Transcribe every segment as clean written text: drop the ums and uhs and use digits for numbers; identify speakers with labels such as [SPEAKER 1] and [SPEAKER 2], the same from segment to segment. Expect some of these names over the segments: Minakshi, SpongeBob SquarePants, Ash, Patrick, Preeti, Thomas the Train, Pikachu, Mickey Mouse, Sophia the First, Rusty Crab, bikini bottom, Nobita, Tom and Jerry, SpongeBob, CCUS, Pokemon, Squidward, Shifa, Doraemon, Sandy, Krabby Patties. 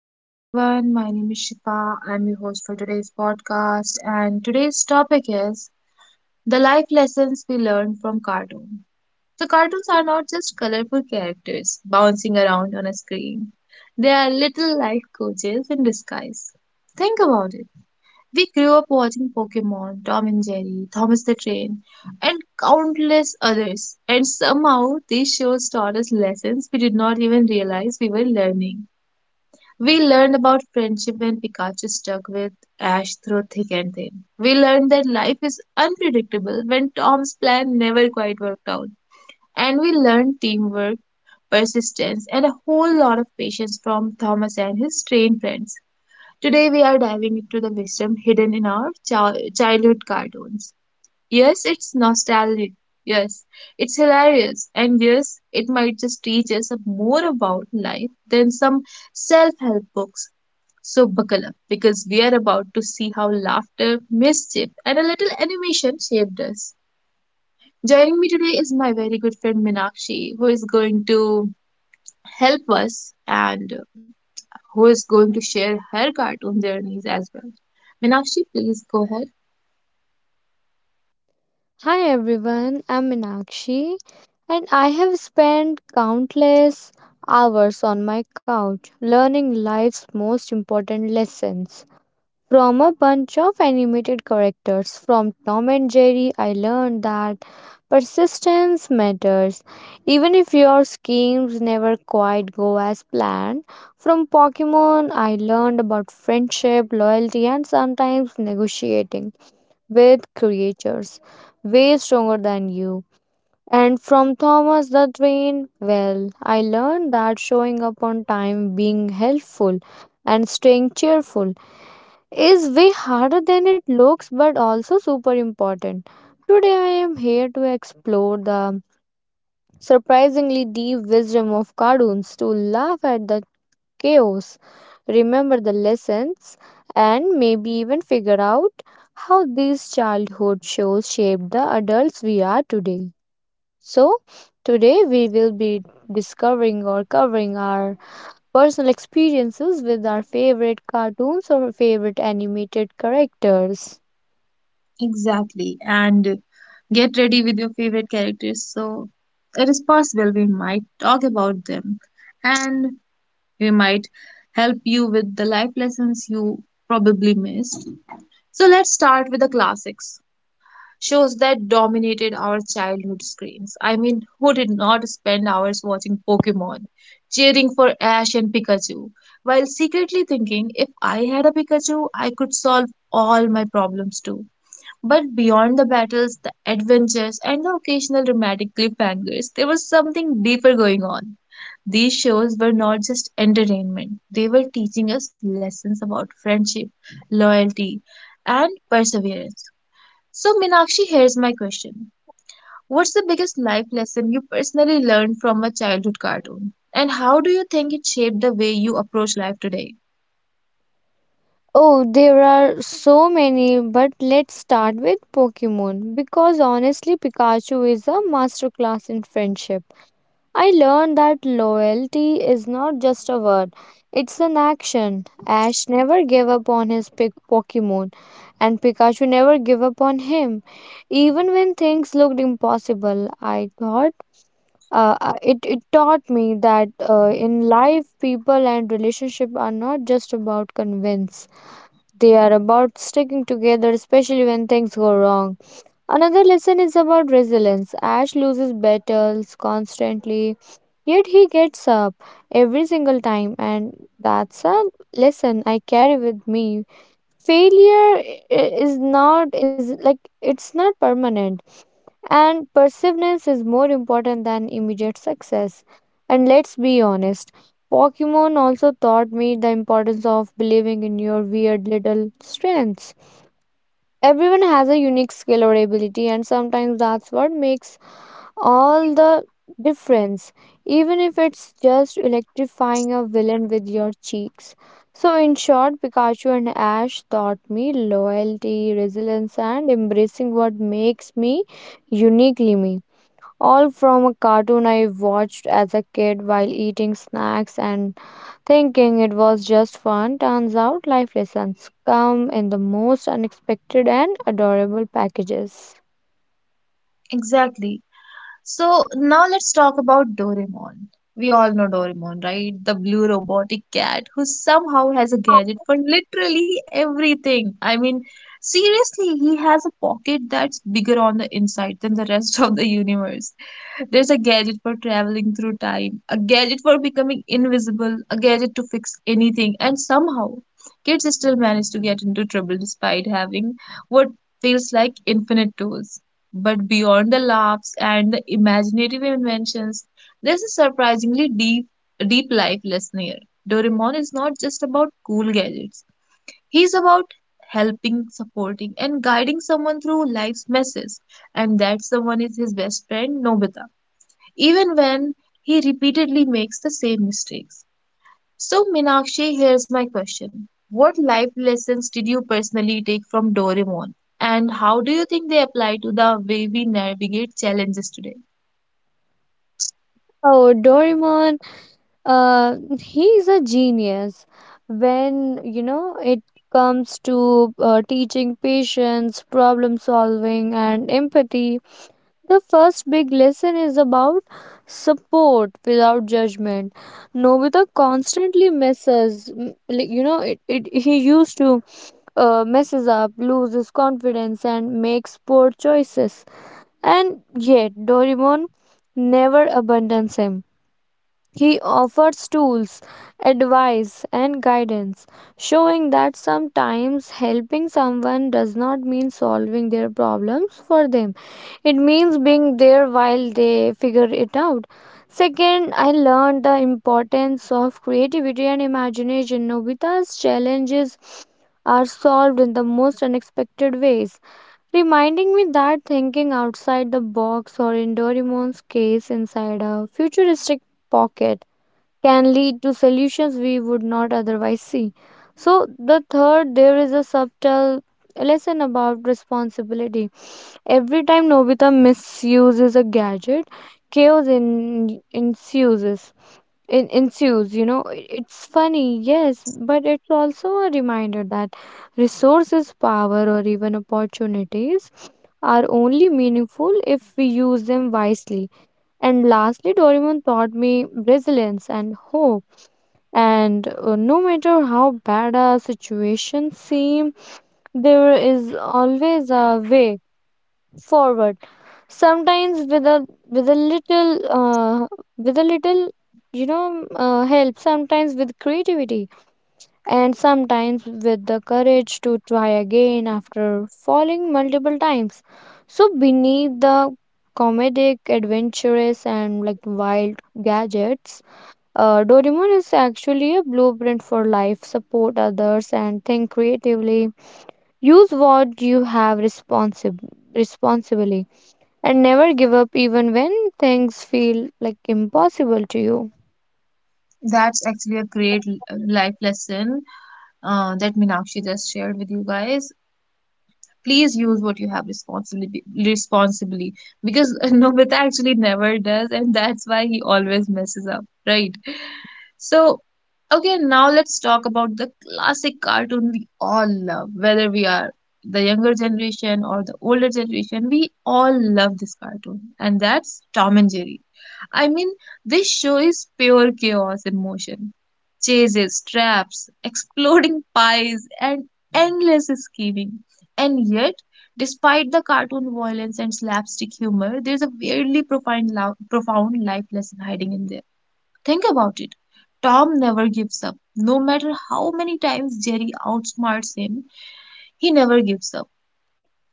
[SPEAKER 1] Hello everyone, my name is Shifa. I'm your host for today's podcast, and today's topic is the life lessons we learn from cartoon. So cartoons are not just colorful characters bouncing around on a screen. They are little life coaches in disguise. Think about it. We grew up watching Pokemon, Tom and Jerry, Thomas the Train, and countless others. And somehow these shows taught us lessons we did not even realize we were learning. We learned about friendship when Pikachu stuck with Ash through thick and thin. We learned that life is unpredictable when Tom's plan never quite worked out. And we learned teamwork, persistence, and a whole lot of patience from Thomas and his trained friends. Today, we are diving into the wisdom hidden in our childhood cartoons. Yes, it's nostalgic. Yes, it's hilarious. And yes, it might just teach us more about life than some self help books. So buckle up, because we are about to see how laughter, mischief, and a little animation shaped us. Joining me today is my very good friend Minakshi, who is going to help us, and who is going to share her cartoon journeys as well. Minakshi, please go ahead.
[SPEAKER 2] Hi everyone, I'm Minakshi and I have spent countless hours on my couch learning life's most important lessons. From a bunch of animated characters from Tom and Jerry, I learned that persistence matters. Even if your schemes never quite go as planned, from Pokemon, I learned about friendship, loyalty, and sometimes negotiating with creatures way stronger than you. And from Thomas the Train, well, I learned that showing up on time, being helpful, and staying cheerful is way harder than it looks, but also super important. Today, I am here to explore the surprisingly deep wisdom of cartoons, to laugh at the chaos, remember the lessons, and maybe even figure out how these childhood shows shaped the adults we are today. So, today we will be discovering or covering our personal experiences with our favorite cartoons or favorite animated characters.
[SPEAKER 1] Exactly. And get ready with your favorite characters. So it is possible we might talk about them, and we might help you with the life lessons you probably missed. So let's start with the classics. Shows that dominated our childhood screens. I mean, who did not spend hours watching Pokemon, cheering for Ash and Pikachu, while secretly thinking, if I had a Pikachu, I could solve all my problems too. But beyond the battles, the adventures, and the occasional dramatic cliffhangers, there was something deeper going on. These shows were not just entertainment, they were teaching us lessons about friendship, loyalty, and perseverance. So, Minakshi, here's my question. What's the biggest life lesson you personally learned from a childhood cartoon? And how do you think it shaped the way you approach life today?
[SPEAKER 2] Oh, there are so many, but let's start with Pokemon because honestly, Pikachu is a masterclass in friendship. I learned that loyalty is not just a word, it's an action. Ash never gave up on his Pokemon, and Pikachu never gave up on him. Even when things looked impossible, I thought it taught me that in life, people and relationship are not just about convince. They are about sticking together, especially when things go wrong. Another lesson is about resilience. Ash loses battles constantly, yet he gets up every single time, and that's a lesson I carry with me. Failure I- is not is like it's not permanent, and perseverance is more important than immediate success. And let's be honest, Pokemon also taught me the importance of believing in your weird little strengths. Everyone has a unique skill or ability, and sometimes that's what makes all the difference, even if it's just electrifying a villain with your cheeks. So, in short, Pikachu and Ash taught me loyalty, resilience, and embracing what makes me uniquely me. All from a cartoon I watched as a kid while eating snacks and thinking it was just fun. Turns out life lessons come in the most unexpected and adorable packages.
[SPEAKER 1] Exactly. So now let's talk about Doraemon. We all know Doraemon, right? The blue robotic cat who somehow has a gadget for literally everything. I mean, seriously, he has a pocket that's bigger on the inside than the rest of the universe. There's a gadget for traveling through time, a gadget for becoming invisible, a gadget to fix anything, and somehow kids still manage to get into trouble despite having what feels like infinite tools. But beyond the laughs and the imaginative inventions, there's a surprisingly deep life lesson here. Doraemon is not just about cool gadgets. He's about helping, supporting, and guiding someone through life's messes, and that someone is his best friend, Nobita, even when he repeatedly makes the same mistakes. So, Meenakshi, here's my question. What life lessons did you personally take from Doraemon, and how do you think they apply to the way we navigate challenges today?
[SPEAKER 2] Oh, Doraemon uh, he is a genius when it comes to teaching patience, problem solving, and empathy. The first big lesson is about support without judgment. Nobita constantly messes m- like, you know it, it he used to messes up, loses confidence, and makes poor choices, and yet Doraemon never abandons him. He offers tools, advice, and guidance, showing that sometimes helping someone does not mean solving their problems for them. It means being there while they figure it out. Second, I learned the importance of creativity and imagination. Nobita's challenges are solved in the most unexpected ways, reminding me that thinking outside the box, or in Doraemon's case inside a futuristic pocket, can lead to solutions we would not otherwise see. So, the third, there is a subtle lesson about responsibility. Every time Nobita misuses a gadget, chaos ensues. You know, it's funny, yes, but it's also a reminder that resources, power, or even opportunities are only meaningful if we use them wisely. And lastly, Doraemon taught me resilience and hope, and no matter how bad a situation seems, there is always a way forward, sometimes with a little with a little, you know, help, sometimes with creativity, and sometimes with the courage to try again after falling multiple times. So beneath the comedic, adventurous, and like wild gadgets, Doraemon is actually a blueprint for life. Support others and think creatively. Use what you have responsibly, and never give up even when things feel like impossible to you.
[SPEAKER 1] That's actually a great life lesson that Meenakshi just shared with you guys. Please use what you have responsibly, because Nobita actually never does, and that's why he always messes up, right? So okay, now let's talk about the classic cartoon we all love, whether we are the younger generation or the older generation. We all love this cartoon, and that's Tom and Jerry. I mean, this show is pure chaos in motion. Chases, traps, exploding pies, and endless scheming. And yet, despite the cartoon violence and slapstick humor, there's a weirdly profound life lesson hiding in there. Think about it. Tom never gives up. No matter how many times Jerry outsmarts him, he never gives up,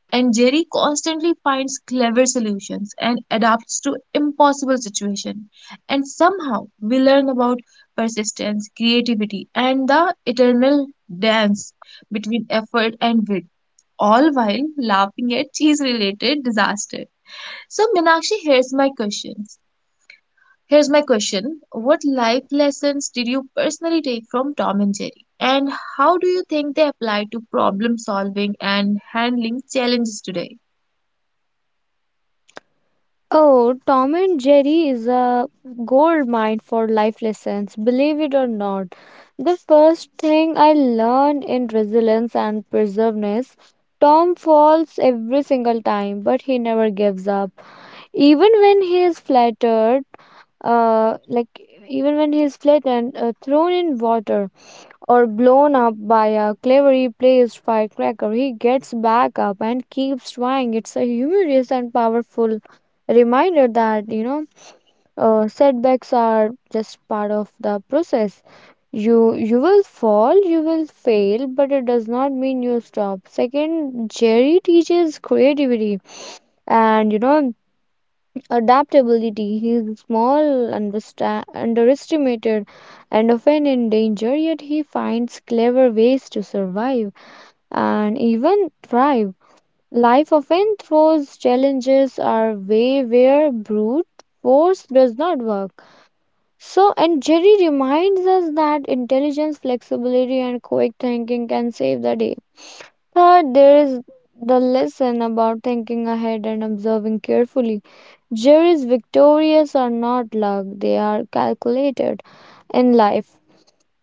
[SPEAKER 1] and Jerry constantly finds clever solutions and adapts to impossible situations. And somehow we learn about persistence, creativity, and the eternal dance between effort and wit, all while laughing at cheese related disaster. So, Minakshi, Here's my question. What life lessons did you personally take from Tom and Jerry? And how do you think they apply to problem solving and handling challenges today?
[SPEAKER 2] Oh, Tom and Jerry is a gold mine for life lessons, believe it or not. The first thing I learned in resilience and perseverance, Tom falls every single time, but he never gives up. Even when he is flattered like even when he is flattened, thrown in water, or blown up by a cleverly placed firecracker, he gets back up and keeps trying. It's a humorous and powerful reminder that, you know, setbacks are just part of the process. You will fall, you will fail, but it does not mean you stop. Second, Jerry teaches creativity, and, you know, adaptability. Is small, underestimated, and often in danger, yet he finds clever ways to survive and even thrive. Life often throws challenges our way where brute force does not work. So, and Jerry reminds us that intelligence, flexibility, and quick thinking can save the day. Third, there is the lesson about thinking ahead and observing carefully. Juries victorious are not luck, they are calculated. In life,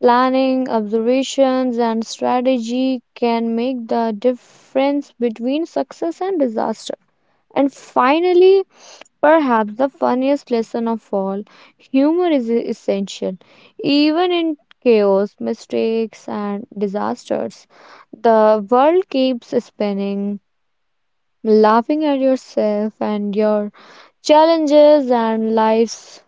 [SPEAKER 2] planning, observations, and strategy can make the difference between success and disaster. And finally, perhaps the funniest lesson of all, humor is essential. Even in chaos, mistakes, and disasters, the world keeps spinning. Laughing at yourself and your challenges and life's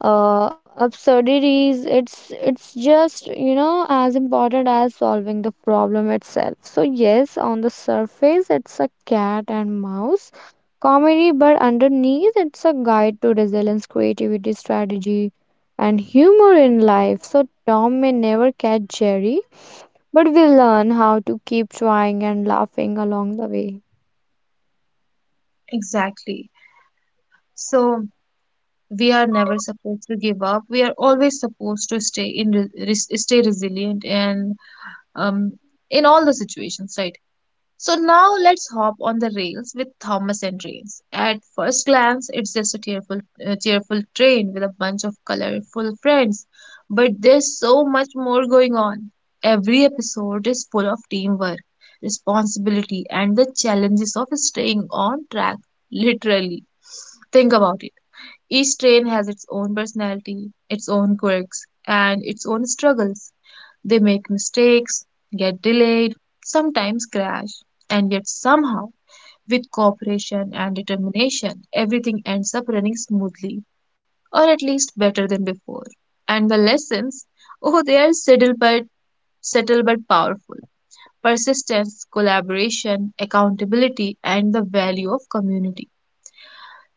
[SPEAKER 2] absurdities, it's just, you know, as important as solving the problem itself. So yes, on the surface it's a cat and mouse comedy, but underneath it's a guide to resilience, creativity, strategy, and humor in life. So Tom may never catch Jerry, but we learn how to keep trying and laughing along the way.
[SPEAKER 1] Exactly. So we are never supposed to give up. We are always supposed to stay resilient, and um in all the situations, right? So now let's hop on the rails with Thomas and Trains. At first glance, it's just a cheerful train with a bunch of colorful friends, but there's so much more going on. Every episode is full of teamwork, responsibility, and the challenges of staying on track, literally. Think about it. Each train has its own personality, its own quirks, and its own struggles. They make mistakes, get delayed, sometimes crash, and yet somehow, with cooperation and determination, everything ends up running smoothly, or at least better than before. And the lessons, oh, they are subtle but powerful. Persistence, collaboration, accountability, and the value of community.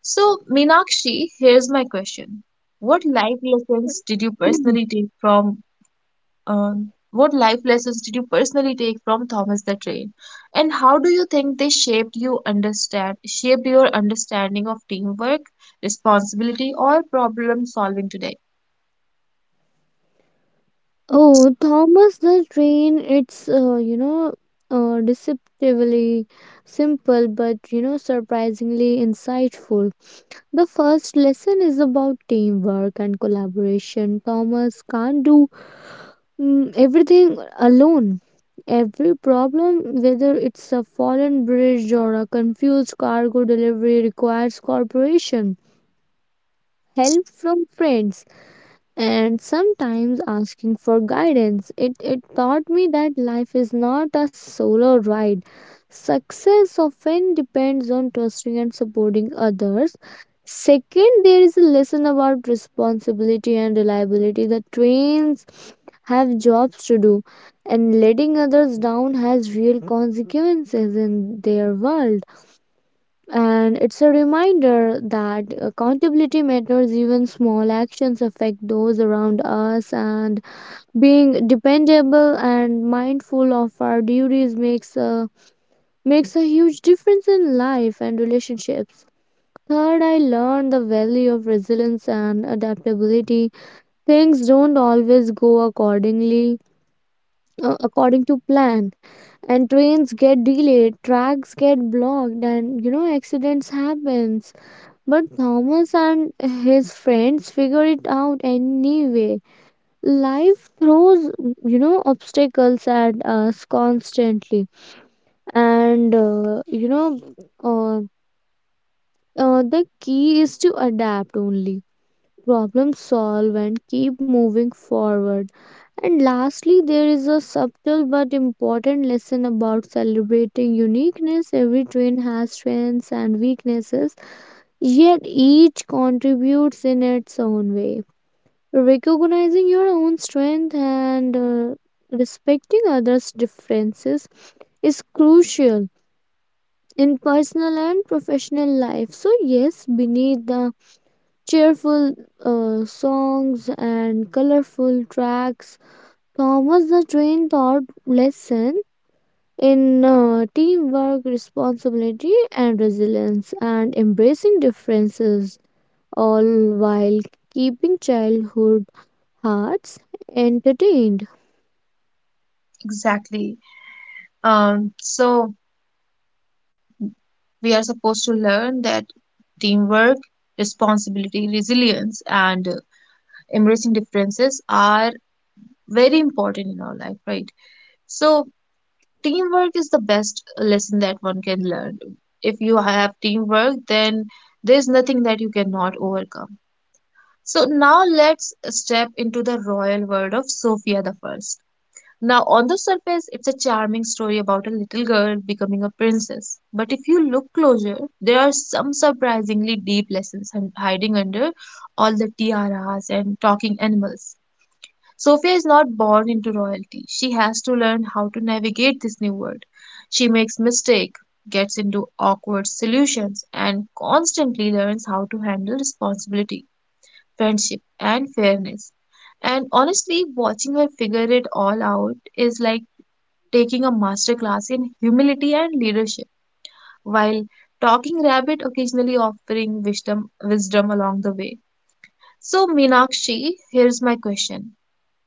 [SPEAKER 1] So, Meenakshi, here's my question. What life lessons did you personally take from what life lessons did you personally take from Thomas the Train? And how do you think they shaped your understanding of teamwork, responsibility, or problem solving today?
[SPEAKER 2] Oh, Thomas the Train, it's, you know, deceptively simple but, you know, surprisingly insightful. The first lesson is about teamwork and collaboration. Thomas can't do everything alone. Every problem, whether it's a fallen bridge or a confused cargo delivery, requires cooperation, help from friends, and sometimes asking for guidance. It taught me that life is not a solo ride. Success often depends on trusting and supporting others. Second, there is a lesson about responsibility and reliability. The trains have jobs to do, and letting others down has real consequences in their world, and it's a reminder that accountability matters. Even small actions affect those around us, and being dependable and mindful of our duties makes a huge difference in life and relationships. Third, I learned the value of resilience and adaptability. Things don't always go accordingly, according to plan, and trains get delayed, tracks get blocked, and, you know, accidents happen, but Thomas and his friends figure it out anyway. Life throws, you know, obstacles at us constantly. And, uh, the key is to adapt only, problem solve, and keep moving forward. And lastly, there is a subtle but important lesson about celebrating uniqueness. Every twin has strengths and weaknesses, yet each contributes in its own way. Recognizing your own strength and respecting others differences is crucial in personal and professional life. So yes, beneath the cheerful songs and colorful tracks, Thomas the Train taught lesson in teamwork, responsibility, and resilience, and embracing differences, all while keeping childhood hearts entertained.
[SPEAKER 1] Exactly. So we are supposed to learn that teamwork, responsibility, resilience, and embracing differences are very important in our life, right? So, teamwork is the best lesson that one can learn. If you have teamwork, then there's nothing that you cannot overcome. So, now let's step into the royal world of Sophia the First. Now, on the surface, it's a charming story about a little girl becoming a princess. But if you look closer, there are some surprisingly deep lessons hiding under all the tiaras and talking animals. Sophia is not born into royalty. She has to learn how to navigate this new world. She makes mistakes, gets into awkward solutions, and constantly learns how to handle responsibility, friendship, and fairness. And honestly, watching her figure it all out is like taking a masterclass in humility and leadership, while talking rabbit occasionally offering wisdom along the way. So Meenakshi, here's my question.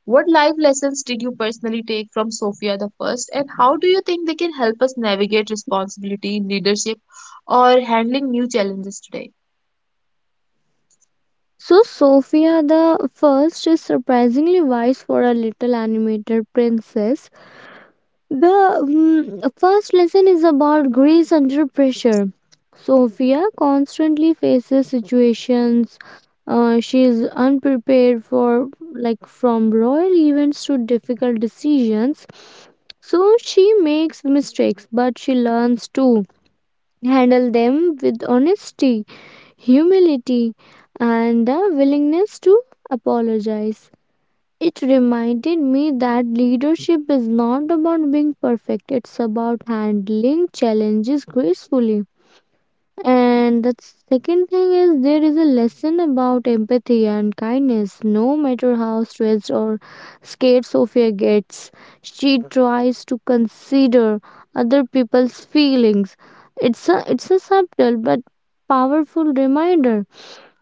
[SPEAKER 1] What life lessons did you personally take from Sophia the First, and how do you think they can help us navigate responsibility, leadership, or handling new challenges today?
[SPEAKER 2] So, Sophia the First is surprisingly wise for a little animated princess. The first lesson is about grace under pressure. Sophia constantly faces situations she is unprepared for, like, from royal events to difficult decisions. So she makes mistakes, but she learns to handle them with honesty, humility, and the willingness to apologize. It reminded me that leadership is not about being perfect, it's about handling challenges gracefully. And the second thing is, there is a lesson about empathy and kindness. No matter how stressed or scared Sophia gets, she tries to consider other people's feelings. It's a subtle but powerful reminder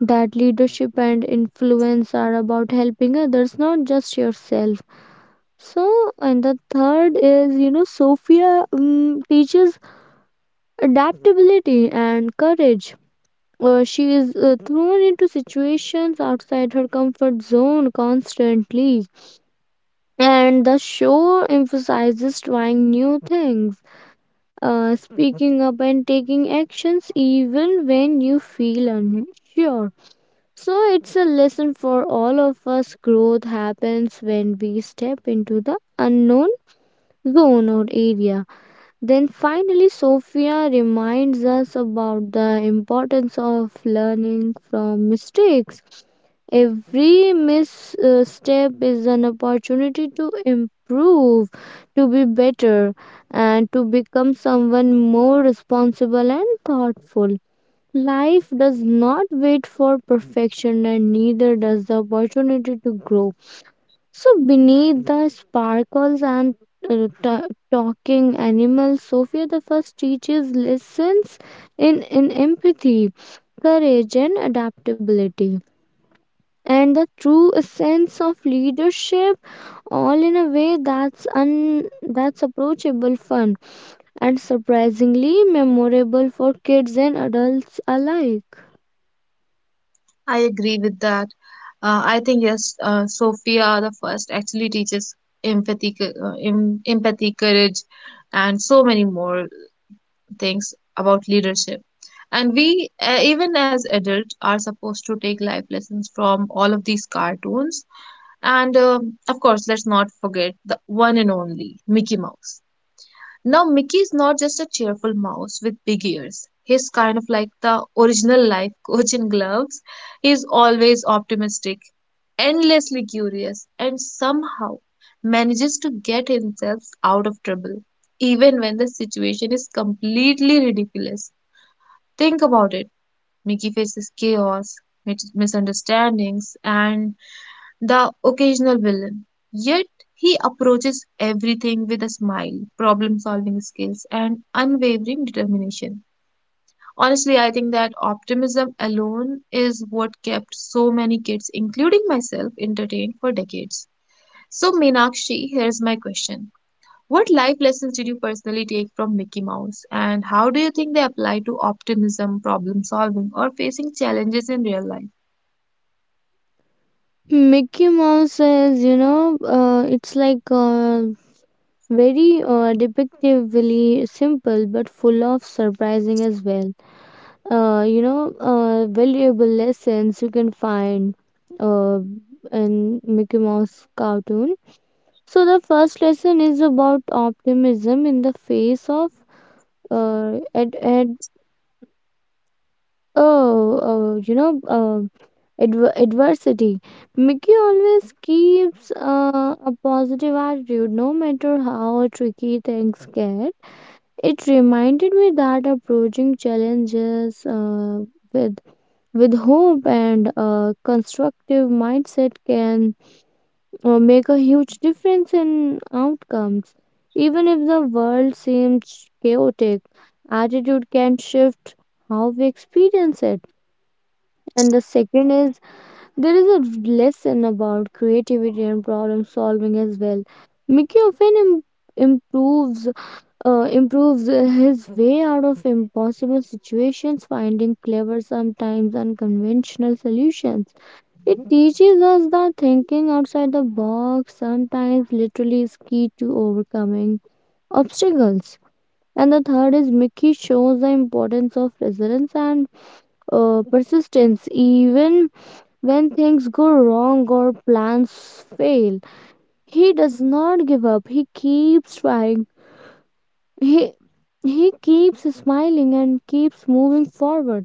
[SPEAKER 2] that leadership and influence are about helping others, not just yourself. So, and the third is, you know, Sophia, teaches adaptability and courage. She is, thrown into situations outside her comfort zone constantly, and the show emphasizes trying new things, speaking up, and taking actions even when you feel unsure. So it's a lesson for all of us. Growth happens when we step into the unknown zone or area. Then finally, Sophia reminds us about the importance of learning from mistakes. Every misstep is an opportunity to improve, to be better, and to become someone more responsible and thoughtful. Life does not wait for perfection, and neither does the opportunity to grow. So, beneath the sparkles and talking animals, Sophia the First teaches lessons in empathy, courage, and adaptability, and the true sense of leadership, all in a way that's that's approachable, fun, and surprisingly memorable for kids and adults alike.
[SPEAKER 1] I agree with that. I think yes, Sophia the First actually teaches empathy, courage, and so many more things about leadership, and we even as adults are supposed to take life lessons from all of these cartoons. And of course, let's not forget the one and only Mickey Mouse. Now, Mickey is not just a cheerful mouse with big ears. He's kind of like the original life coach in gloves. He's always optimistic, endlessly curious, and somehow manages to get himself out of trouble, even when the situation is completely ridiculous. Think about it. Mickey faces chaos, misunderstandings, and the occasional villain. Yet he approaches everything with a smile, problem solving skills, and unwavering determination. Honestly, I think that optimism alone is what kept so many kids, including myself, entertained for decades. So, Meenakshi, here's my question. What life lessons did you personally take from Mickey Mouse, and how do you think they apply to optimism, problem solving, or facing challenges in real life?
[SPEAKER 2] Mickey Mouse is, you know, it's like very depictively simple but full of surprising as well. You know, valuable lessons you can find uh, in Mickey Mouse cartoon. So the first lesson is about optimism in the face of uh, ad- Oh, oh, you know, uh, adversity. Mickey always keeps a positive attitude no matter how tricky things get. It reminded me that approaching challenges with with hope and a constructive mindset can make a huge difference in outcomes. Even if the world seems chaotic, attitude can shift how we experience it. And the second is there is a lesson about creativity and problem solving as well. Mickey often Im- improves his way out of impossible situations, finding clever, sometimes unconventional solutions. It teaches us that thinking outside the box sometimes literally is key to overcoming obstacles. And the third is Mickey shows the importance of resilience and persistence. Even when things go wrong or plans fail, he does not give up. He keeps trying. He he keeps smiling and keeps moving forward.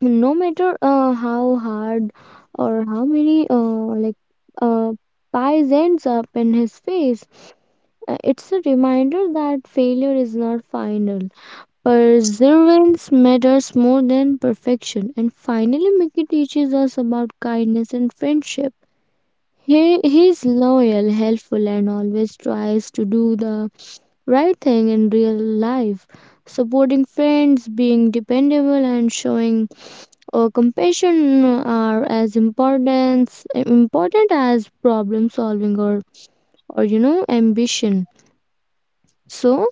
[SPEAKER 2] No matter how hard or how many uh, pies ends up in his face, it's a reminder that failure is not final. Perseverance matters more than perfection. And finally, Mickey teaches us about kindness and friendship. He's loyal, helpful, and always tries to do the right thing in real life. Supporting friends, being dependable, and showing compassion are as important as problem solving or ambition. So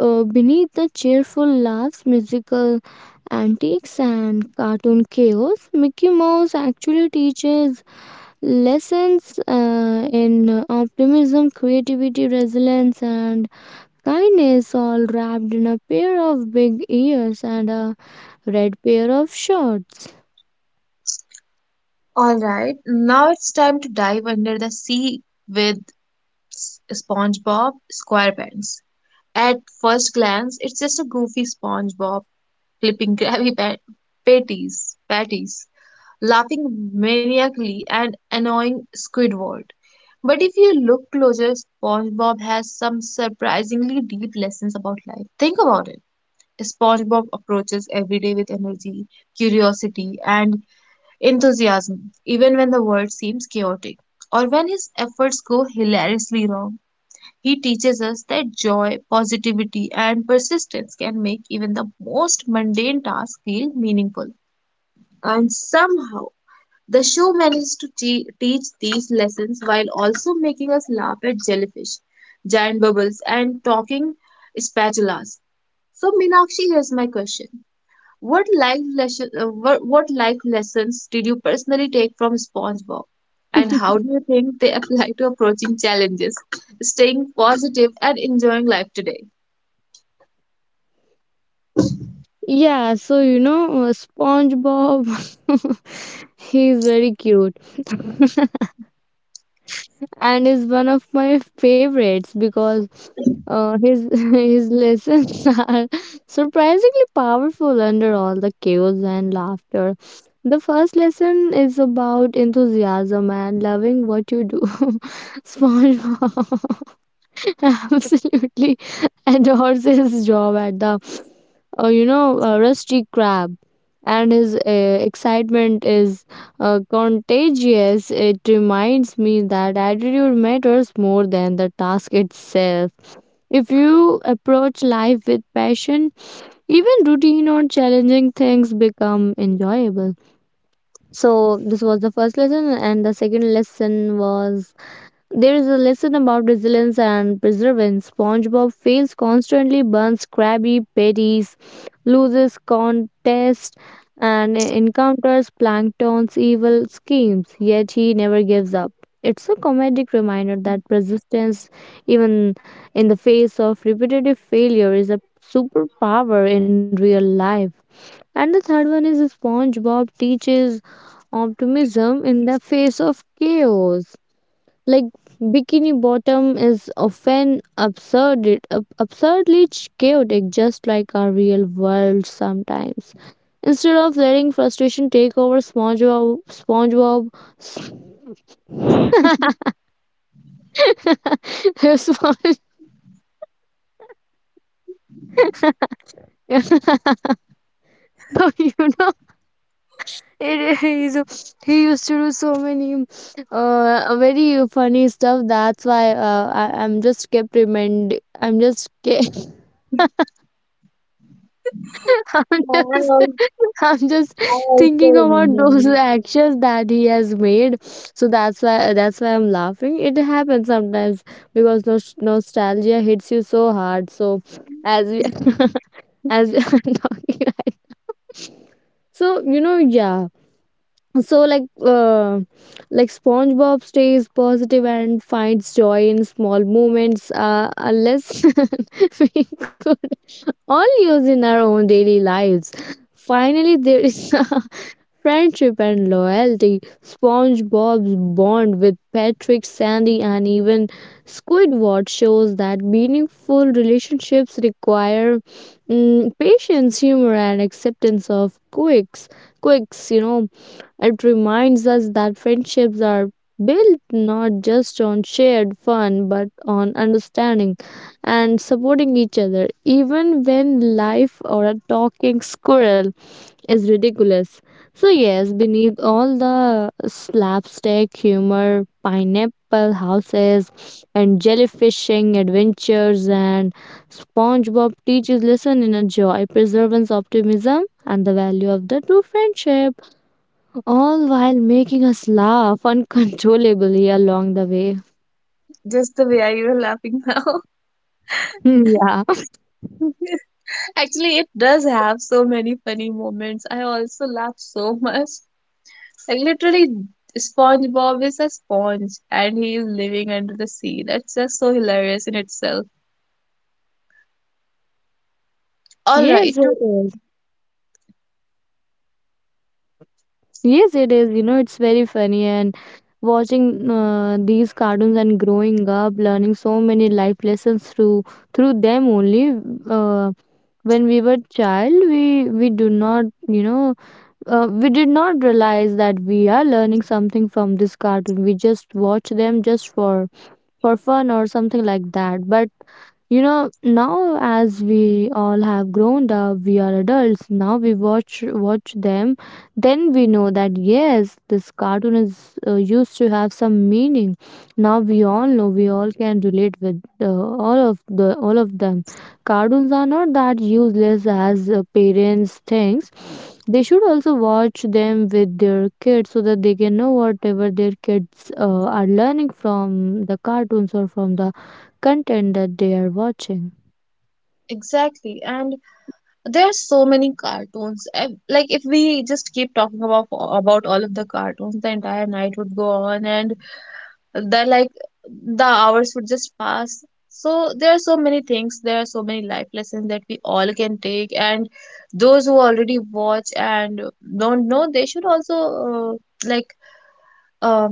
[SPEAKER 2] beneath the cheerful laughs, musical antics, and cartoon chaos, Mickey Mouse actually teaches lessons in optimism, creativity, resilience, and kindness, all wrapped in a pair of big ears and a red pair of shorts.
[SPEAKER 1] All right, now it's time to dive under the sea with SpongeBob SquarePants. At first glance, it's just a goofy SpongeBob flipping patties, laughing maniacally and annoying Squidward. But if you look closer, SpongeBob has some surprisingly deep lessons about life. Think about it. SpongeBob approaches every day with energy, curiosity, and enthusiasm, even when the world seems chaotic or when his efforts go hilariously wrong. He teaches us that joy, positivity, and persistence can make even the most mundane task feel meaningful. And somehow, the show manages to teach these lessons while also making us laugh at jellyfish, giant bubbles, and talking spatulas. So, Meenakshi, here's my question. What what life lessons did you personally take from SpongeBob? And how do you think they apply to approaching challenges, staying positive, and enjoying life today?
[SPEAKER 2] Yeah, so SpongeBob, he's very cute. And is one of my favorites because his his lessons are surprisingly powerful under all the chaos and laughter. The first lesson is about enthusiasm and loving what you do. SpongeBob absolutely adores his job at the Rusty Crab. And his excitement is contagious. It reminds me that attitude matters more than the task itself. If you approach life with passion, even routine or challenging things become enjoyable. So, this was the first lesson, and the second lesson was there is a lesson about resilience and perseverance. SpongeBob fails constantly, burns Krabby Patties, loses contests, and encounters Plankton's evil schemes, yet he never gives up. It's a comedic reminder that persistence, even in the face of repetitive failure, is a superpower in real life. And the third one is SpongeBob teaches optimism in the face of chaos. Like, Bikini Bottom is often absurdly chaotic, just like our real world sometimes. Instead of letting frustration take over, s- Spon- so you know it, he used to do so many very funny stuff. That's why I, I'm just kept remind I'm just ke- I'm
[SPEAKER 1] Yeah,
[SPEAKER 2] just, I'm just
[SPEAKER 1] I
[SPEAKER 2] thinking
[SPEAKER 1] also
[SPEAKER 2] about those
[SPEAKER 1] remember.
[SPEAKER 2] actions that he has made. So that's why I'm laughing. It happens sometimes because nostalgia hits you so hard. So as we as we are talking, right? so you know, yeah. So like, uh, like SpongeBob stays positive and finds joy in small moments, unless we could all use in our own daily lives. Finally, there is friendship and loyalty. SpongeBob's bond with Patrick, Sandy, and even Squidward shows that meaningful relationships require patience, humor, and acceptance of quirks. Quirks, you know, it reminds us that friendships are built not just on shared fun but on understanding and supporting each other, even when life or a talking squirrel is ridiculous. So, yes, beneath all the slapstick humor, pineapple houses, and jellyfishing adventures, and SpongeBob teaches lesson in a joy, perseverance, optimism, and the value of the true friendship, all while making us laugh uncontrollably along the way.
[SPEAKER 1] Just the way you're laughing now.
[SPEAKER 2] Yeah.
[SPEAKER 1] Actually, it does have so many funny moments. I also laugh so much. Like literally, SpongeBob is a sponge and he is living under the sea. That's just so hilarious in itself. All right.
[SPEAKER 2] Yes, it is. Yes, it is. You know, it's very funny. And watching these cartoons and growing up, learning so many life lessons through them only. Uh, when we were child, we do not, you know, we did not realize that we are learning something from this cartoon. We just watch them just for fun or something like that. But you know, now as we all have grown up, we are adults. Now we watch them, then we know that yes, this cartoon is used to have some meaning. Now we all know, we all can relate with all of them. Cartoons are not that useless as parents thinks. They should also watch them with their kids so that they can know whatever their kids are learning from the cartoons or from the content that they are watching.
[SPEAKER 1] Exactly, and there are so many cartoons. Like if we just keep talking about all of the cartoons, the entire night would go on, and the like the hours would just pass. So there are so many things. There are so many life lessons that we all can take, and those who already watch and don't know, they should also uh, like uh,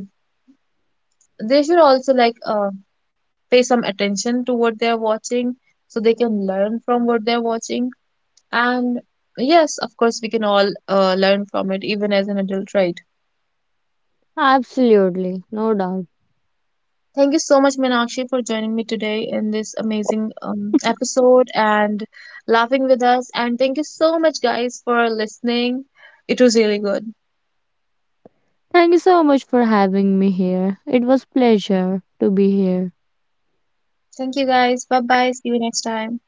[SPEAKER 1] they should also like uh, pay some attention to what they're watching, so they can learn from what they're watching. And yes, of course, we can all learn from it, even as an adult, right?
[SPEAKER 2] Absolutely, no doubt.
[SPEAKER 1] Thank you so much, Meenakshi, for joining me today in this amazing episode, and laughing with us. And thank you so much, guys, for listening. It was really good.
[SPEAKER 2] Thank you so much for having me here. It was pleasure to be here.
[SPEAKER 1] Thank you, guys. Bye bye. See you next time.